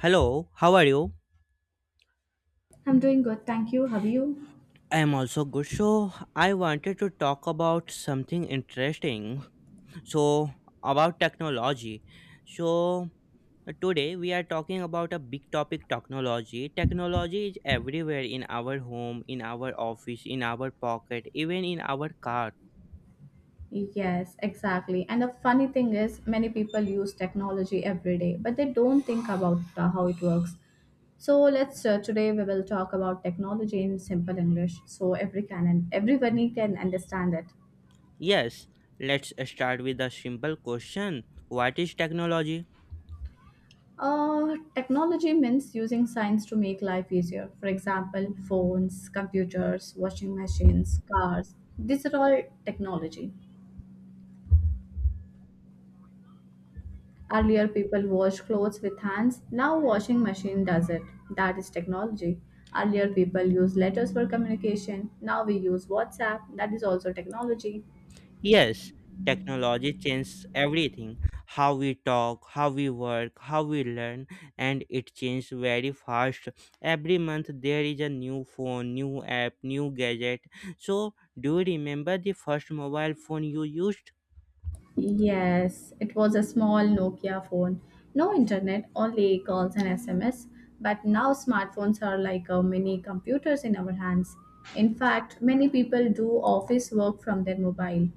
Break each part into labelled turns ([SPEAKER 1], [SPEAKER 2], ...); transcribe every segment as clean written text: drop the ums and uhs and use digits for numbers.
[SPEAKER 1] Hello, how are you?
[SPEAKER 2] I'm doing good, thank you. Have you?
[SPEAKER 1] I am also good. So, I wanted to talk about something interesting. So, about technology. So, today we are talking about a big topic: technology. Technology is everywhere in our home, in our office, in our pocket, even in our car.
[SPEAKER 2] Yes, exactly. And the funny thing is, many people use technology every day, but they don't think about how it works. So let's today we will talk about technology in simple English, so every can and everybody can understand it.
[SPEAKER 1] Yes, let's start with a simple question: What is technology?
[SPEAKER 2] Technology means using science to make life easier. For example, phones, computers, washing machines, cars. These are all technology. Earlier, people washed clothes with hands. Now, washing machine does it. That is technology. Earlier, people used letters for communication. Now we use WhatsApp. That is also technology.
[SPEAKER 1] Yes, technology changes everything: how we talk, how we work, how we learn, and it changes very fast. Every month there is a new phone, new app, new gadget. So, do you remember the first mobile phone you used?
[SPEAKER 2] Yes, it was a small Nokia phone. No internet, only calls and SMS. But now smartphones are like mini computers in our hands. In fact, many people do office work from their mobile.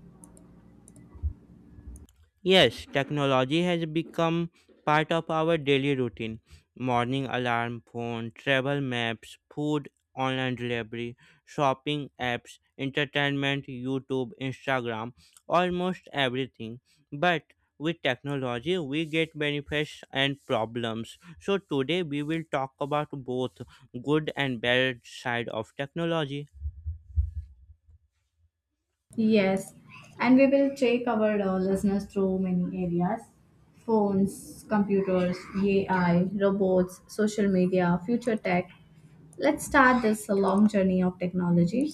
[SPEAKER 1] Yes, technology has become part of our daily routine. Morning alarm, phone, travel maps, food, online delivery, shopping apps, entertainment, YouTube, Instagram, almost everything. But with technology, we get benefits and problems. So today we will talk about both good and bad side of technology.
[SPEAKER 2] Yes, and we will take our listeners through many areas: phones, computers, AI, robots, social media, future tech. Let's start this long journey of technology.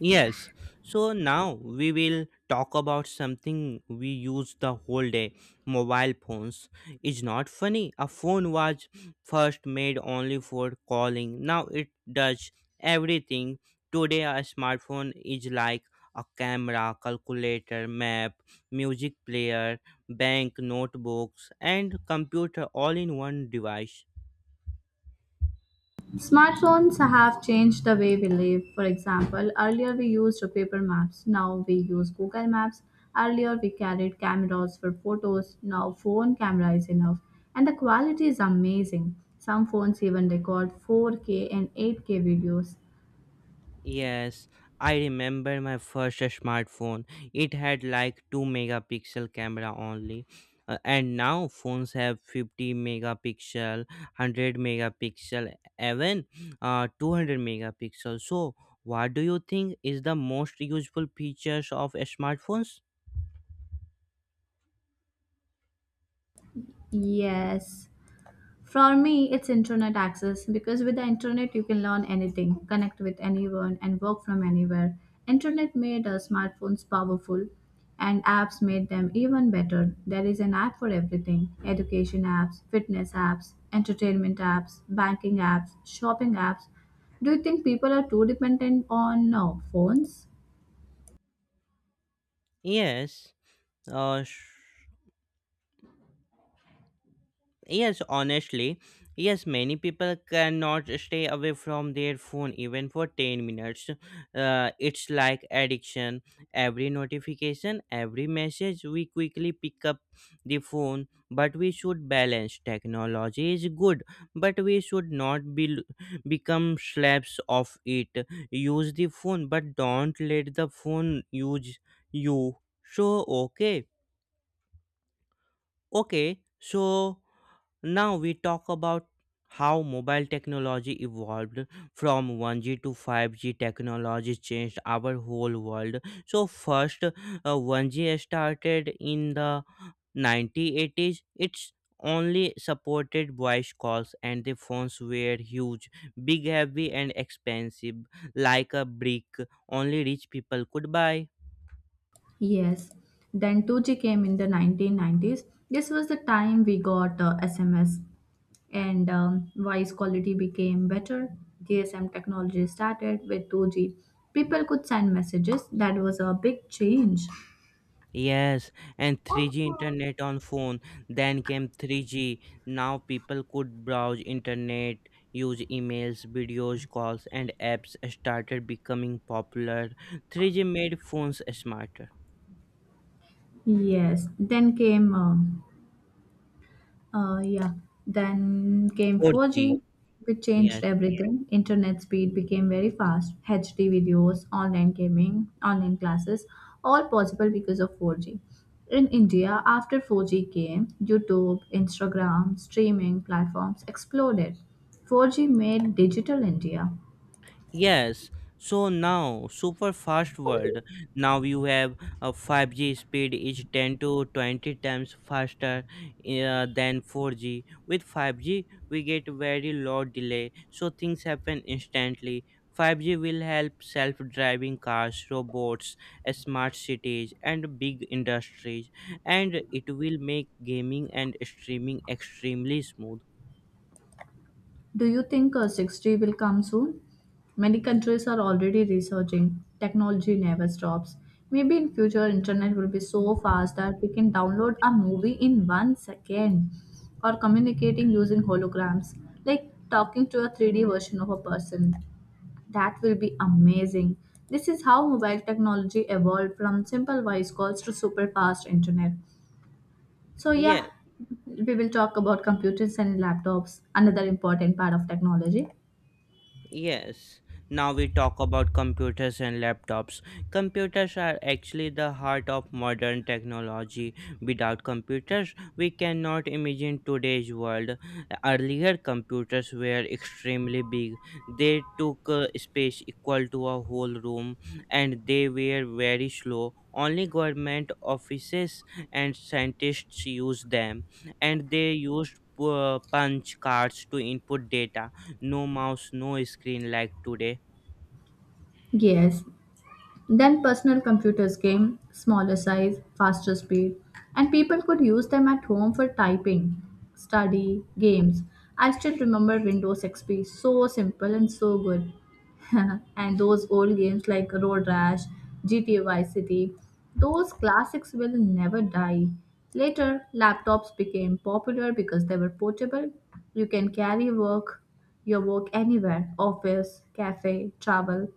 [SPEAKER 1] Yes, so now we will talk about something we use the whole day: mobile phones. It's not funny. A phone was first made only for calling, now it does everything. Today, a smartphone is like a camera, calculator, map, music player, bank, notebooks, and computer all in one device.
[SPEAKER 2] Smartphones have changed the way we live. For example, earlier we used paper maps, now we use Google Maps. Earlier we carried cameras for photos, now phone camera is enough. And the quality is amazing. Some phones even record 4K and 8K videos.
[SPEAKER 1] Yes, I remember my first smartphone. It had like 2 megapixel camera only. And now phones have 50 megapixel, 100 megapixel, even 200 megapixel. So, what do you think is the most useful features of smartphones?
[SPEAKER 2] Yes. For me, it's internet access because with the internet you can learn anything, connect with anyone, and work from anywhere. Internet made smartphones powerful, and apps made them even better. There is an app for everything: education apps, fitness apps, entertainment apps, banking apps, shopping apps. Do you think people are too dependent on phones?
[SPEAKER 1] Yes, uh, yes, honestly, yes, many people cannot stay away from their phone even for 10 minutes. It's like addiction. Every notification, every message, we quickly pick up the phone, but we should balance. Technology is good, but we should not be become slaves of it. Use the phone, but don't let the phone use you. So, okay. Okay, so now we talk about how mobile technology evolved from 1G to 5G, technology changed our whole world. So first 1G started in the 1980s. It's only supported voice calls and the phones were huge, big, heavy and expensive like a brick. Only rich people could buy.
[SPEAKER 2] Yes. Then 2G came in the 1990s. This was the time we got SMS, and voice quality became better. GSM technology started with 2G. People could send messages. That was a big change.
[SPEAKER 1] Yes, and 3G internet on phone. Then came 3G. Now people could browse internet, use emails, videos, calls, and apps started becoming popular. 3G made phones smarter.
[SPEAKER 2] Yes. Then came yeah. Then came
[SPEAKER 1] 4G,
[SPEAKER 2] 4G, which changed
[SPEAKER 1] yes.
[SPEAKER 2] everything. Internet speed became very fast. HD videos, online gaming, online classes, all possible because of 4G. In India, after 4G came, YouTube, Instagram, streaming platforms exploded. 4G made digital India.
[SPEAKER 1] Yes, so now super fast world. Now you have a 5G speed is 10 to 20 times faster than 4G. With 5G, we get very low delay, so things happen instantly. 5G will help self-driving cars, robots, smart cities, and big industries, and it will make gaming and streaming extremely smooth.
[SPEAKER 2] Do you think 6G will come soon? Many countries are already researching. Technology never stops. Maybe in future internet will be so fast that we can download a movie in 1 second, or communicating using holograms like talking to a 3D version of a person. That will be amazing. This is how mobile technology evolved from simple voice calls to super fast internet. So yeah,
[SPEAKER 1] Yes.
[SPEAKER 2] we will talk about computers and laptops, another important part of technology.
[SPEAKER 1] Yes, now we talk about computers and laptops. Computers are actually the heart of modern technology. Without computers, we cannot imagine today's world. Earlier, computers were extremely big. They took space equal to a whole room and they were very slow. Only government offices and scientists used them, and they used punch cards to input data. No mouse, no screen like today.
[SPEAKER 2] Yes. Then personal computers came, smaller size, faster speed, and people could use them at home for typing, study, games. I still remember Windows XP, so simple and so good. And those old games like Road Rash, GTA Vice City, those classics will never die. Later, laptops became popular because they were portable. You can carry work, your work anywhere, office, cafe, travel.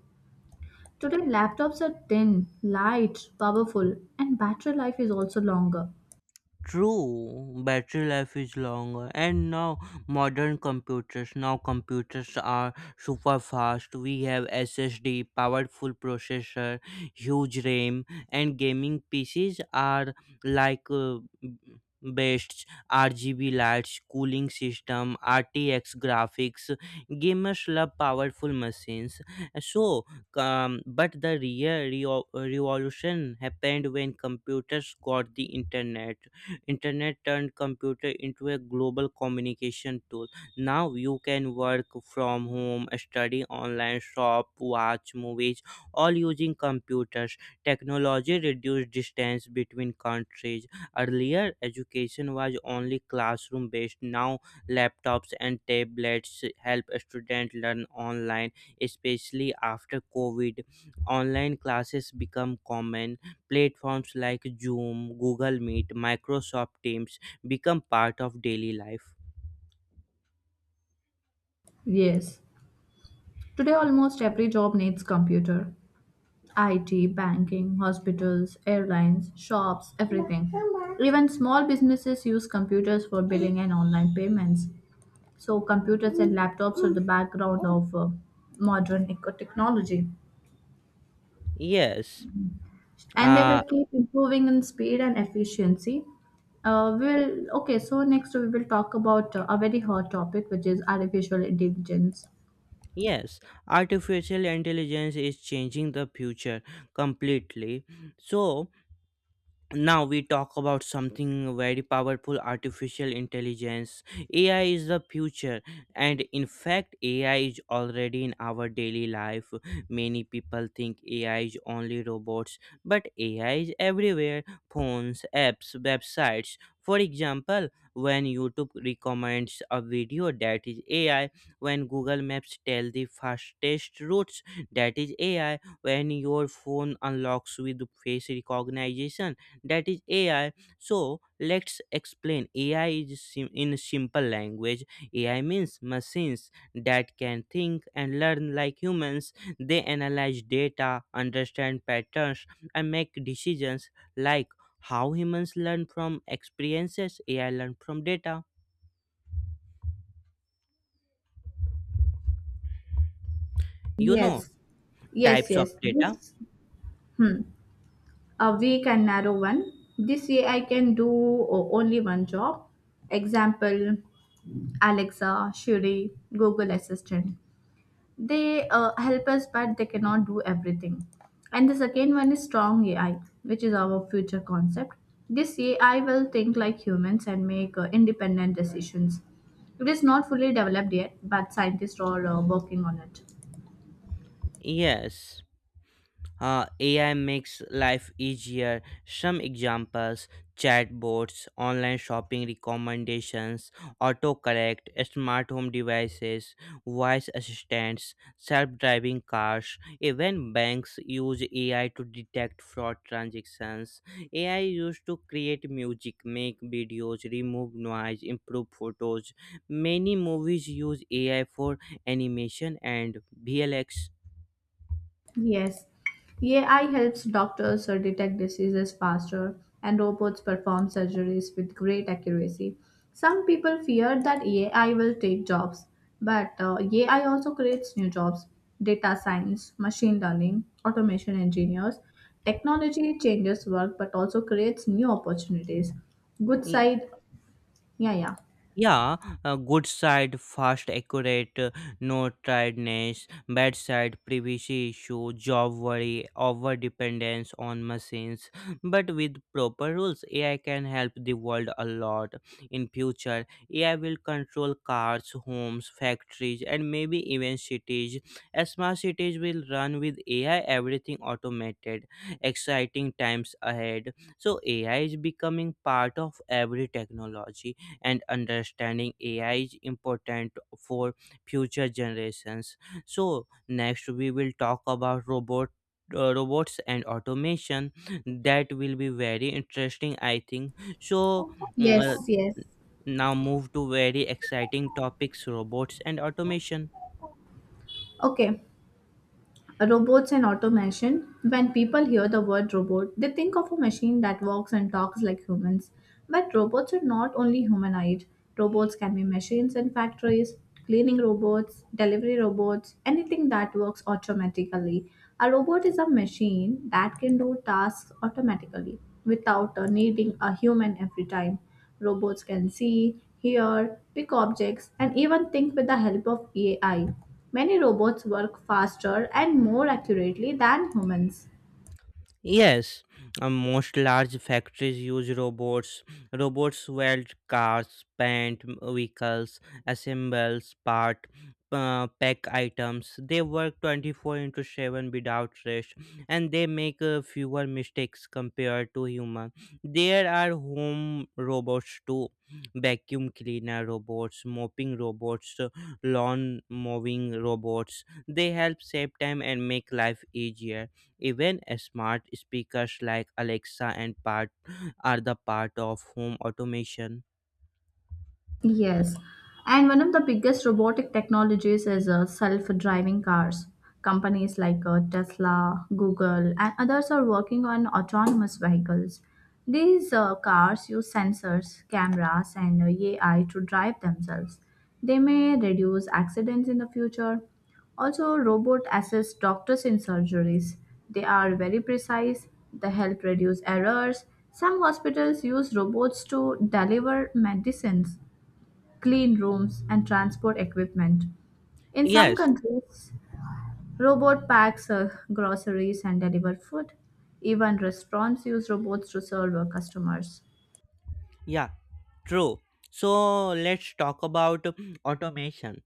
[SPEAKER 2] Today, laptops are thin, light, powerful, and battery life is also longer.
[SPEAKER 1] True, battery life is longer, and now modern computers. Now computers are super fast. We have SSD, powerful processor, huge RAM, and gaming PCs are like best RGB lights, cooling system, RTX graphics. Gamers love powerful machines. So, but the real revolution happened when computers got the internet. Internet turned computer into a global communication tool. Now you can work from home, study online, shop, watch movies, all using computers. Technology reduced distance between countries. Earlier, education was only classroom based. Now laptops and tablets help students learn online, especially after COVID, online classes become common. Platforms like Zoom, Google Meet, Microsoft Teams become part of daily life.
[SPEAKER 2] Yes, today almost every job needs computer. IT, banking, hospitals, airlines, shops, everything. Even small businesses use computers for billing and online payments. So, computers and laptops are the background of technology,
[SPEAKER 1] Yes.
[SPEAKER 2] and they will
[SPEAKER 1] Uh,
[SPEAKER 2] keep improving in speed and efficiency. We'll okay. So next we will talk about a very hot topic, which is artificial intelligence.
[SPEAKER 1] yes, artificial intelligence is changing the future completely. So, now we talk about something very powerful: artificial intelligence. AI is the future, and in fact AI is already in our daily life. Many people think AI is only robots, but AI is everywhere: phones, apps, websites. For example, when YouTube recommends a video, that is AI. When Google Maps tell the fastest routes, that is AI. When your phone unlocks with face recognition, that is AI. So let's explain AI in simple language. AI means machines that can think and learn like humans. They analyze data, understand patterns, and make decisions. Like how humans learn from experiences, AI learn from data. You know,
[SPEAKER 2] Yes,
[SPEAKER 1] types of
[SPEAKER 2] yes.
[SPEAKER 1] data.
[SPEAKER 2] This hmm, a weak and narrow one. This AI can do only one job. Example: Alexa, Siri, Google Assistant. They help us, but they cannot do everything. And the second one is strong AI, which is our future concept. This AI will think like humans and make independent decisions. It is not fully developed yet, but scientists are working on it.
[SPEAKER 1] Yes. AI makes life easier. Some examples: chatbots, online shopping recommendations, autocorrect, smart home devices, voice assistants, self driving cars. Even banks use AI to detect fraud transactions. AI used to create music, make videos, remove noise, improve photos. Many movies use AI for animation and VLX.
[SPEAKER 2] Yes, AI helps doctors detect diseases faster, and robots perform surgeries with great accuracy. Some people fear that AI will take jobs, but AI also creates new jobs: data science, machine learning, automation engineers. Technology changes work but also creates new opportunities. Good side, yeah, yeah.
[SPEAKER 1] Yeah, good side, fast, accurate, no tiredness. Bad side: privacy issue, job worry, over dependence on machines. But with proper rules, AI can help the world a lot. In future, AI will control cars, homes, factories, and maybe even cities. Smart cities will run with AI, everything automated. Exciting times ahead. So AI is becoming part of every technology and understanding AI is important for future generations. So next we will talk about robots and automation. That will be very interesting, I think. So, mm,
[SPEAKER 2] Yes,
[SPEAKER 1] uh,
[SPEAKER 2] yes.
[SPEAKER 1] now move to very exciting topics: robots and automation.
[SPEAKER 2] Okay. Robots and automation. When people hear the word robot, they think of a machine that walks and talks like humans. But robots are not only humanoid. Robots can be machines in factories, cleaning robots, delivery robots, anything that works automatically. A robot is a machine that can do tasks automatically without needing a human every time. Robots can see, hear, pick objects, and even think with the help of AI. Many robots work faster and more accurately than humans.
[SPEAKER 1] Yes, most large factories use robots. Robots weld cars, paint vehicles, assembles part, pack items. They work 24 into 7 without rest and they make fewer mistakes compared to human. There are home robots too. Vacuum cleaner robots, mopping robots, lawn mowing robots. They help save time and make life easier. Even smart speakers like Alexa and part are the part of home automation.
[SPEAKER 2] Yes, and one of the biggest robotic technologies is self-driving cars. Companies like Tesla, Google, and others are working on autonomous vehicles. These cars use sensors, cameras, and AI to drive themselves. They may reduce accidents in the future. Also, robot assist doctors in surgeries. They are very precise. They help reduce errors. Some hospitals use robots to deliver medicines, clean rooms, and transport equipment. In some
[SPEAKER 1] Yes,
[SPEAKER 2] countries, robot packs groceries and deliver food. Even restaurants use robots to serve customers.
[SPEAKER 1] yeah, true. So let's talk about automation.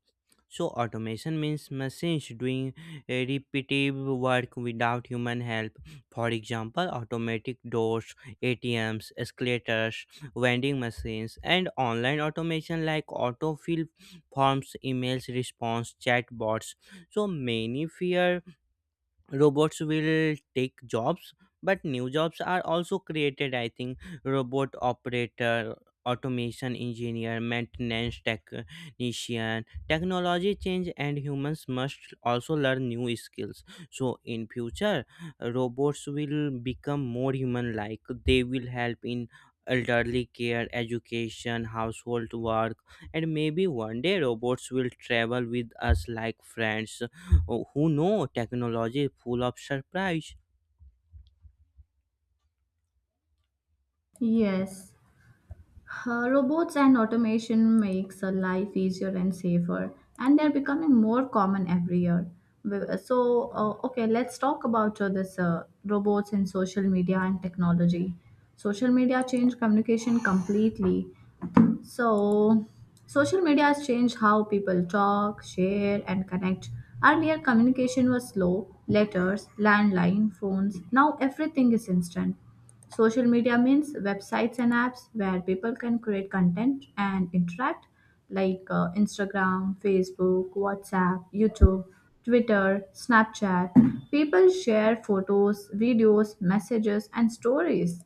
[SPEAKER 1] So automation means machines doing a repetitive work without human help. For example, automatic doors, ATMs, escalators, vending machines, and online automation like autofill forms, emails response, chatbots. So many fear robots will take jobs, but new jobs are also created, I think. Robot operator, automation engineer, maintenance technician. Technology change, and humans must also learn new skills. So in future, robots will become more human like. They will help in elderly care, education, household work. And maybe one day robots will travel with us like friends. Oh, who know, technology is full of surprise.
[SPEAKER 2] Yes, robots and automation makes life easier and safer, and they're becoming more common every year. W- So, okay, let's talk about this robots in social media and technology. Social media changed communication completely. So, social media has changed how people talk, share, and connect. Earlier, communication was slow: letters, landline, phones. Now, everything is instant. Social media means websites and apps where people can create content and interact, like Instagram, Facebook, WhatsApp, YouTube, Twitter, Snapchat. People share photos, videos, messages, and stories.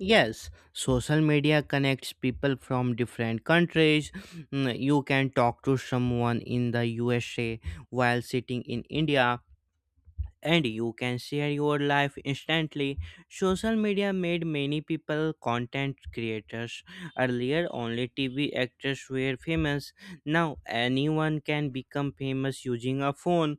[SPEAKER 1] Yes, social media connects people from different countries. Mm, you can talk to someone in the USA while sitting in India, and you can share your life instantly. Social media made many people content creators. Earlier, only TV actors were famous. Now, anyone can become famous using a phone.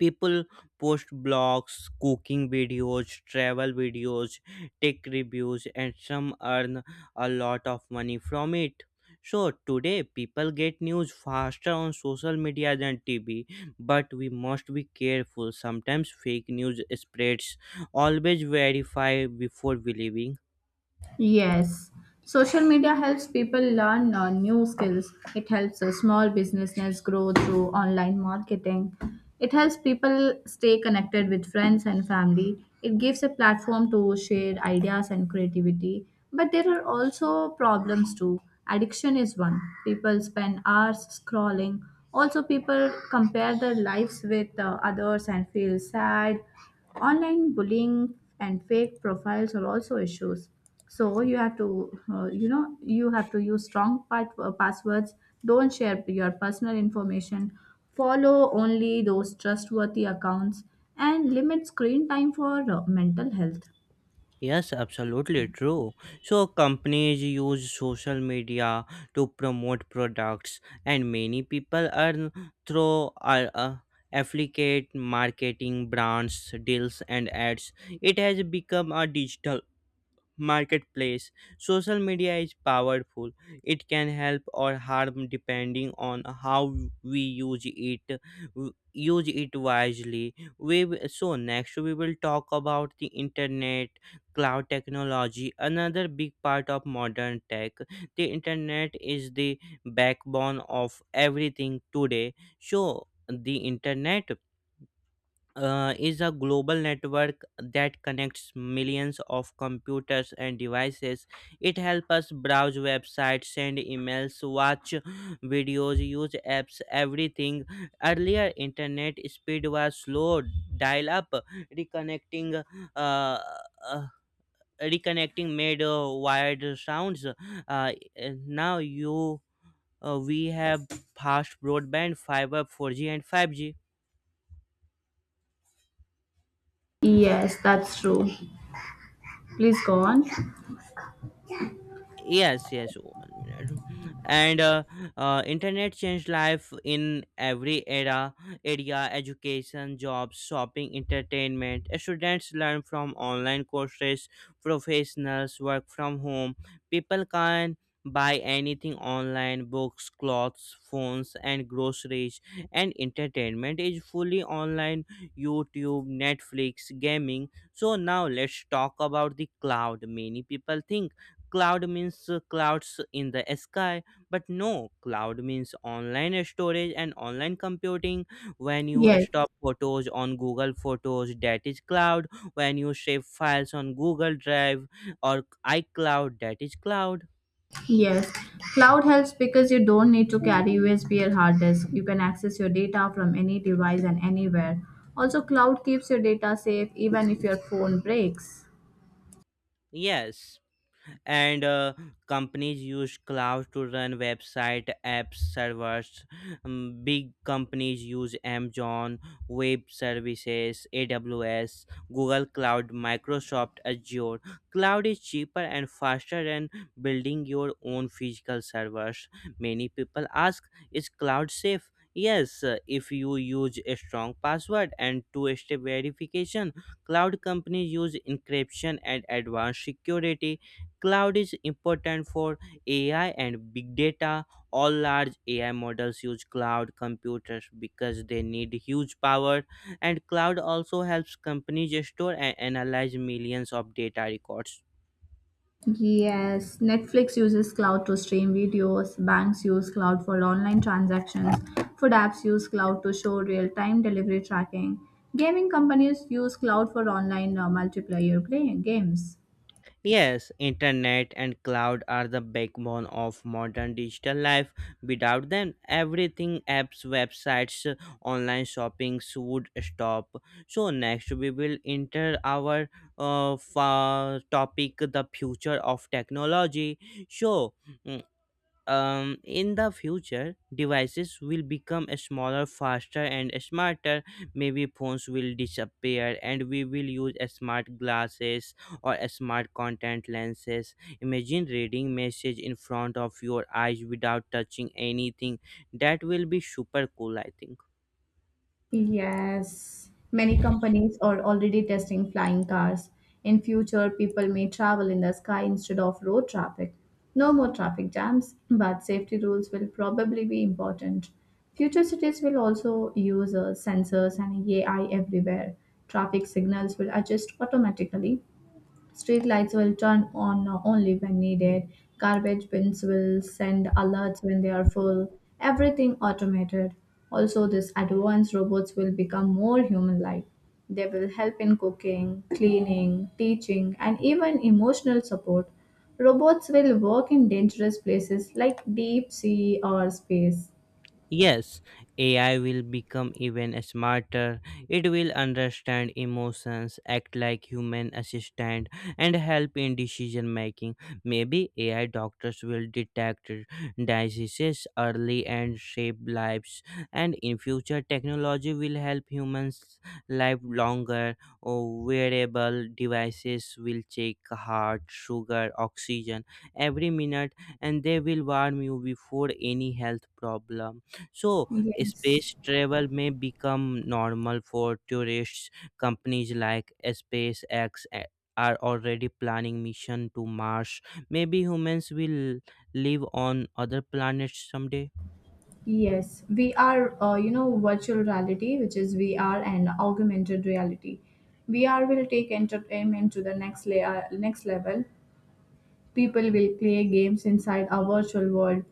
[SPEAKER 1] People post blogs, cooking videos, travel videos, tech reviews, and some earn a lot of money from it. So today people get news faster on social media than TV, but we must be careful. Sometimes fake news spreads. Always verify before believing.
[SPEAKER 2] Yes, social media helps people learn new skills. It helps small businesses grow through online marketing. It helps people stay connected with friends and family. It gives a platform to share ideas and creativity. But there are also problems too. Addiction is one. People spend hours scrolling. Also, people compare their lives with others and feel sad. Online bullying and fake profiles are also issues, so you have to you have to use strong passwords, don't share your personal information, follow only those trustworthy accounts, and limit screen time for mental health.
[SPEAKER 1] Yes, absolutely true. So, companies use social media to promote products, and many people earn through affiliate marketing, brands, deals, and ads. It has become a digital marketplace. Social media is powerful. It can help or harm depending on how we use it. Use it wisely. So next we will talk about the internet cloud technology, another big part of modern tech. The internet is the backbone of everything today. So the internet is a global network that connects millions of computers and devices. It helps us browse websites, send emails, watch videos, use apps, everything. Earlier, internet speed was slow, dial up, reconnecting. Uh, uh, Reconnecting made wired sounds. uh, Now you we have fast broadband, fiber, 4G and 5G.
[SPEAKER 2] Yes, that's true. Please go on.
[SPEAKER 1] Yes, yes. Oh, one minute. And internet changed life in every era area: education, jobs, shopping, entertainment. Students learn from online courses. Professionals work from home. People can buy anything online: books, clothes, phones, and groceries. And entertainment is fully online: YouTube, Netflix, gaming. So now let's talk about the cloud. Many people think Cloud means clouds in the sky, but no, cloud means online storage and online computing. When you
[SPEAKER 2] Yes,
[SPEAKER 1] stop photos on Google Photos, that is cloud. When you save files on Google Drive or iCloud, that is cloud.
[SPEAKER 2] yes. Cloud helps because you don't need to carry USB or hard disk. You can access your data from any device and anywhere. Also, cloud keeps your data safe even if your phone breaks.
[SPEAKER 1] Yes. And companies use cloud to run website, apps, servers. Big companies use Amazon Web Services, AWS, Google Cloud, Microsoft Azure. Cloud is cheaper and faster than building your own physical servers. Many people ask, is cloud safe? Yes, if you use a strong password and two step verification. Cloud companies use encryption and advanced security. Cloud is important for AI and big data. All large AI models use cloud computers because they need huge power, and cloud also helps companies store and analyze millions of data records.
[SPEAKER 2] Yes, Netflix uses cloud to stream videos, banks use cloud for online transactions, food apps use cloud to show real time delivery tracking, gaming companies use cloud for online multiplayer play games.
[SPEAKER 1] Yes, internet and cloud are the backbone of modern digital life. Without them, everything apps, websites, online shoppings would stop. So next we will enter our topic: the future of technology. So mm, in the future, devices will become smaller, faster and smarter. Maybe phones will disappear and we will use smart glasses or smart contact lenses. Imagine reading message in front of your eyes without touching anything. That will be super cool, I think.
[SPEAKER 2] Yes, many companies are already testing flying cars. In future, people may travel in the sky instead of road traffic. No more traffic jams, but safety rules will probably be important. Future cities will also use sensors and AI everywhere. Traffic signals will adjust automatically. Street lights will turn on only when needed. Garbage bins will send alerts when they are full. Everything automated. Also, these advanced robots will become more human like. They will help in cooking, cleaning, teaching, and even emotional support. Robots will work in dangerous places like deep sea or space.
[SPEAKER 1] Yes, AI will become even smarter. It will understand emotions, act like human assistant, and help in decision making. Maybe AI doctors will detect diseases early and save lives. And in future, technology will help humans live longer. Or wearable devices will check heart, sugar, oxygen every minute, and they will warn you before any health problem. so,
[SPEAKER 2] Yes.
[SPEAKER 1] Space travel may become normal for tourists. Companies like are already planning mission to Mars. Maybe humans will live on other planets someday.
[SPEAKER 2] Yes, we are, you know, Virtual reality, which is VR, and augmented reality. VR will take entertainment to the next level. People will play games inside our virtual world.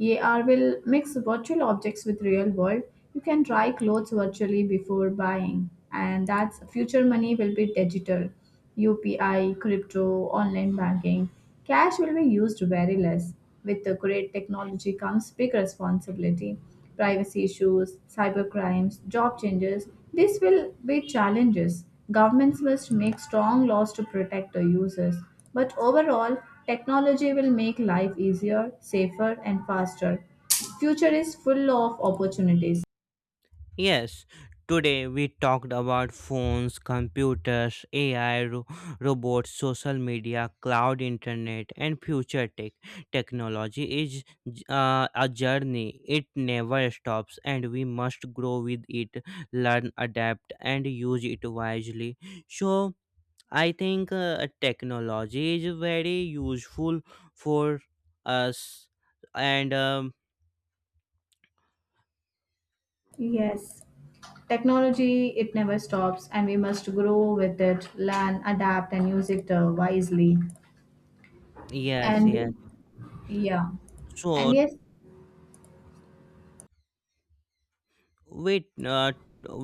[SPEAKER 2] AR will mix virtual objects with real world. You can try clothes virtually before buying, and that's future. Money will be digital. UPI, crypto, online banking. Cash will be used very less. With the great technology comes big responsibility. Privacy issues, cyber crimes, job changes. This will be challenges. Governments must make strong laws to protect the users. But overall, technology will make life easier, safer, and faster. Future is full of opportunities.
[SPEAKER 1] Yes, today we talked about phones, computers, AI, robots, social media, cloud internet, and future tech. Technology is a journey, it never stops, and we must grow with it, learn, adapt, and use it wisely. So, I think technology is very useful for us, and
[SPEAKER 2] Yes, technology it never stops, and we must grow with it, learn, adapt, and use it wisely.
[SPEAKER 1] yes, yes.
[SPEAKER 2] And yeah, and
[SPEAKER 1] So,
[SPEAKER 2] yes,
[SPEAKER 1] we uh,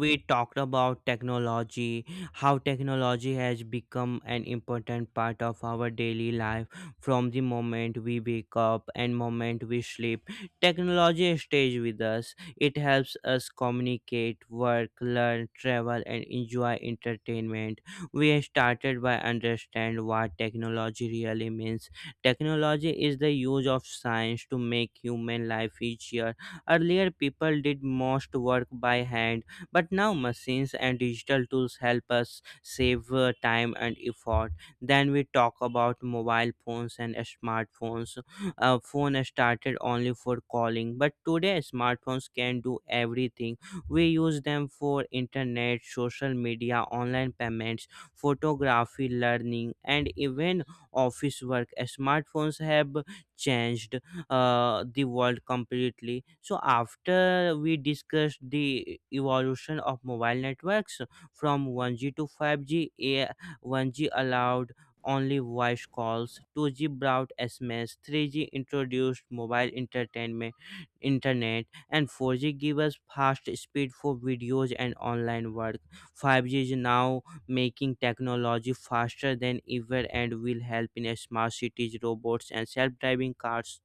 [SPEAKER 1] we talked about technology, how technology has become an important part of our daily life. From the moment we wake up and moment we sleep, technology stays with us. It helps us communicate, work, learn, travel and enjoy entertainment. We started by understand what technology really means. Technology is the use of science to make human life easier. Earlier, people did most work by hand, but now machines and digital tools help us save time and effort. Then we talk about mobile phones and smartphones. Phone started only for calling, but today smartphones can do everything. We use them for internet, social media, online payments, photography, learning, and even office work. Smartphones have changed the world completely. So after we discussed the evolution of mobile networks from 1G to 5G a 1G allowed only voice calls, 2G brought sms, 3G introduced mobile entertainment internet, and 4G give us fast speed for videos and online work. 5G is now making technology faster than ever and will help in smart cities, robots, and self driving cars.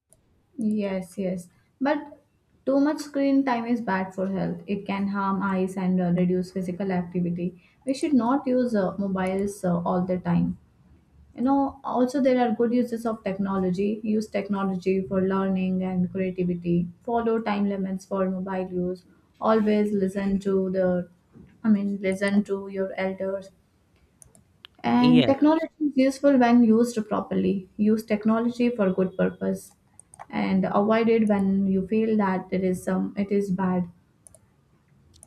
[SPEAKER 2] yes, yes. But too much screen time is bad for health. It can harm eyes and reduce physical activity. We should not use mobiles all the time. You know, also there are good uses of technology. Use technology for learning and creativity. Follow time limits for mobile use. Always listen to the, I mean, listen to your elders. And
[SPEAKER 1] Yes.
[SPEAKER 2] technology is useful when used properly. Use technology for good purpose and avoid it when you feel that it is bad.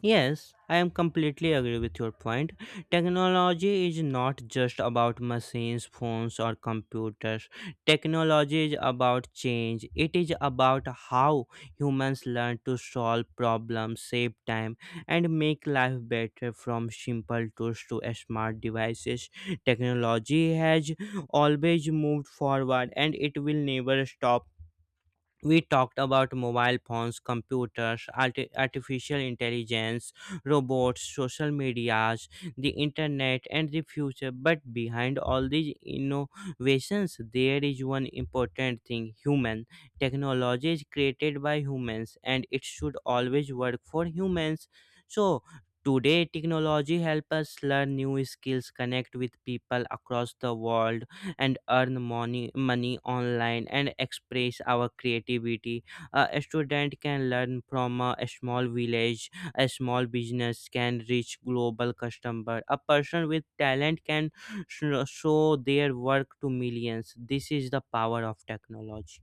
[SPEAKER 1] Yes, I am completely agree with your point. Technology is not just about machines, phones or computers. Technology is about change. It is about how humans learn to solve problems, save time and make life better, from simple tools to smart devices. Technology has always moved forward and it will never stop. We talked about mobile phones, computers, artificial intelligence, robots, social medias, the internet, and the future. But behind all these innovations, there is one important thing: human. Technology is created by humans and it should always work for humans. So, today, technology helps us learn new skills, connect with people across the world, and earn money online and express our creativity. A student can learn from a small village, a small business can reach global customer, a person with talent can show their work to millions. This is the power of technology.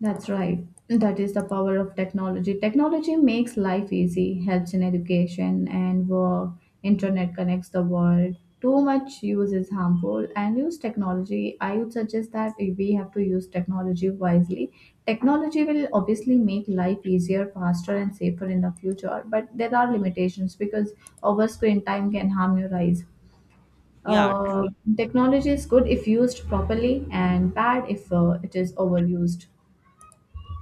[SPEAKER 2] That's right. That is the power of technology. Technology makes life easy, helps in education and work. Internet connects the world. Too much use is harmful and use technology. I would suggest that we have to use technology wisely. Technology will obviously make life easier, faster, and safer in the future, but there are limitations because over screen time can harm your eyes.
[SPEAKER 1] Yeah.
[SPEAKER 2] Uh, Technology is good if used properly and bad if it is overused.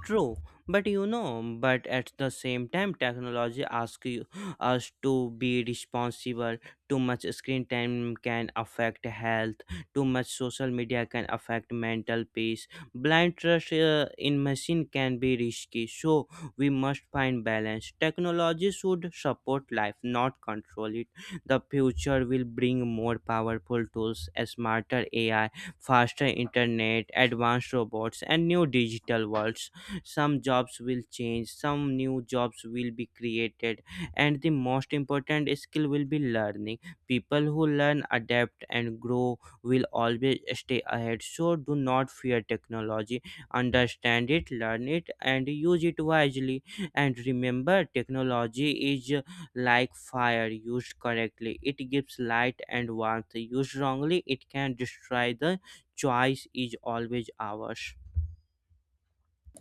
[SPEAKER 1] True, but you know, but at the same time, technology asks us to be responsible. Too much screen time can affect health. Too much social media can affect mental peace. Blind trust in machine can be risky. So we must find balance. Technology should support life, not control it. The future will bring more powerful tools, smarter AI, faster internet, advanced robots, and new digital worlds. Some jobs will change, some new jobs will be created, and the most important skill will be learning. People who learn, adapt and grow will always stay ahead. So do not fear technology. Understand it, learn it and use it wisely. And remember, technology is like fire. Used correctly, it gives light and warmth. Used wrongly, it can destroy. The choice is always ours.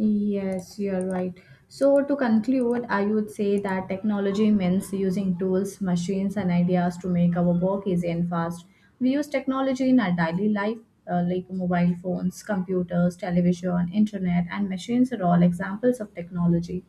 [SPEAKER 2] Yes, you're right. So, to conclude, I would say that technology means using tools, machines, and ideas to make our work easy and fast. We use technology in our daily life, like mobile phones, computers, television, internet, and machines are all examples of technology.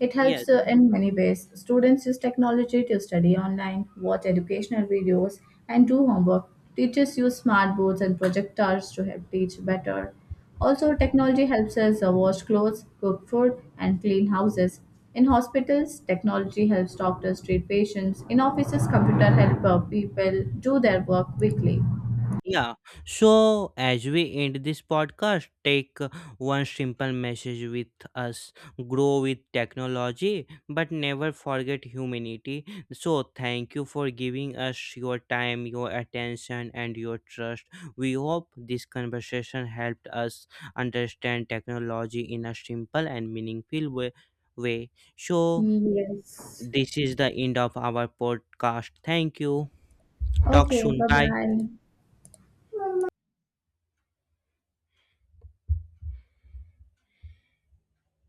[SPEAKER 2] It
[SPEAKER 1] Yes.
[SPEAKER 2] helps in many ways. Students use technology to study online, watch educational videos, and do homework. Teachers use smart boards and projectors to help teach better. Also, technology helps us wash clothes, cook food, and clean houses. In hospitals, technology helps doctors treat patients. In offices, computer help people do their work quickly.
[SPEAKER 1] Yeah, so as we end this podcast, take one simple message with us: grow with technology, but never forget humanity. So, thank you for giving us your time, your attention, and your trust. We hope this conversation helped us understand technology in a simple and meaningful way. So,
[SPEAKER 2] Yes.
[SPEAKER 1] this is the end of our podcast. Thank you. Talk
[SPEAKER 2] Okay,
[SPEAKER 1] soon.
[SPEAKER 2] bye
[SPEAKER 1] Bye.
[SPEAKER 2] bye.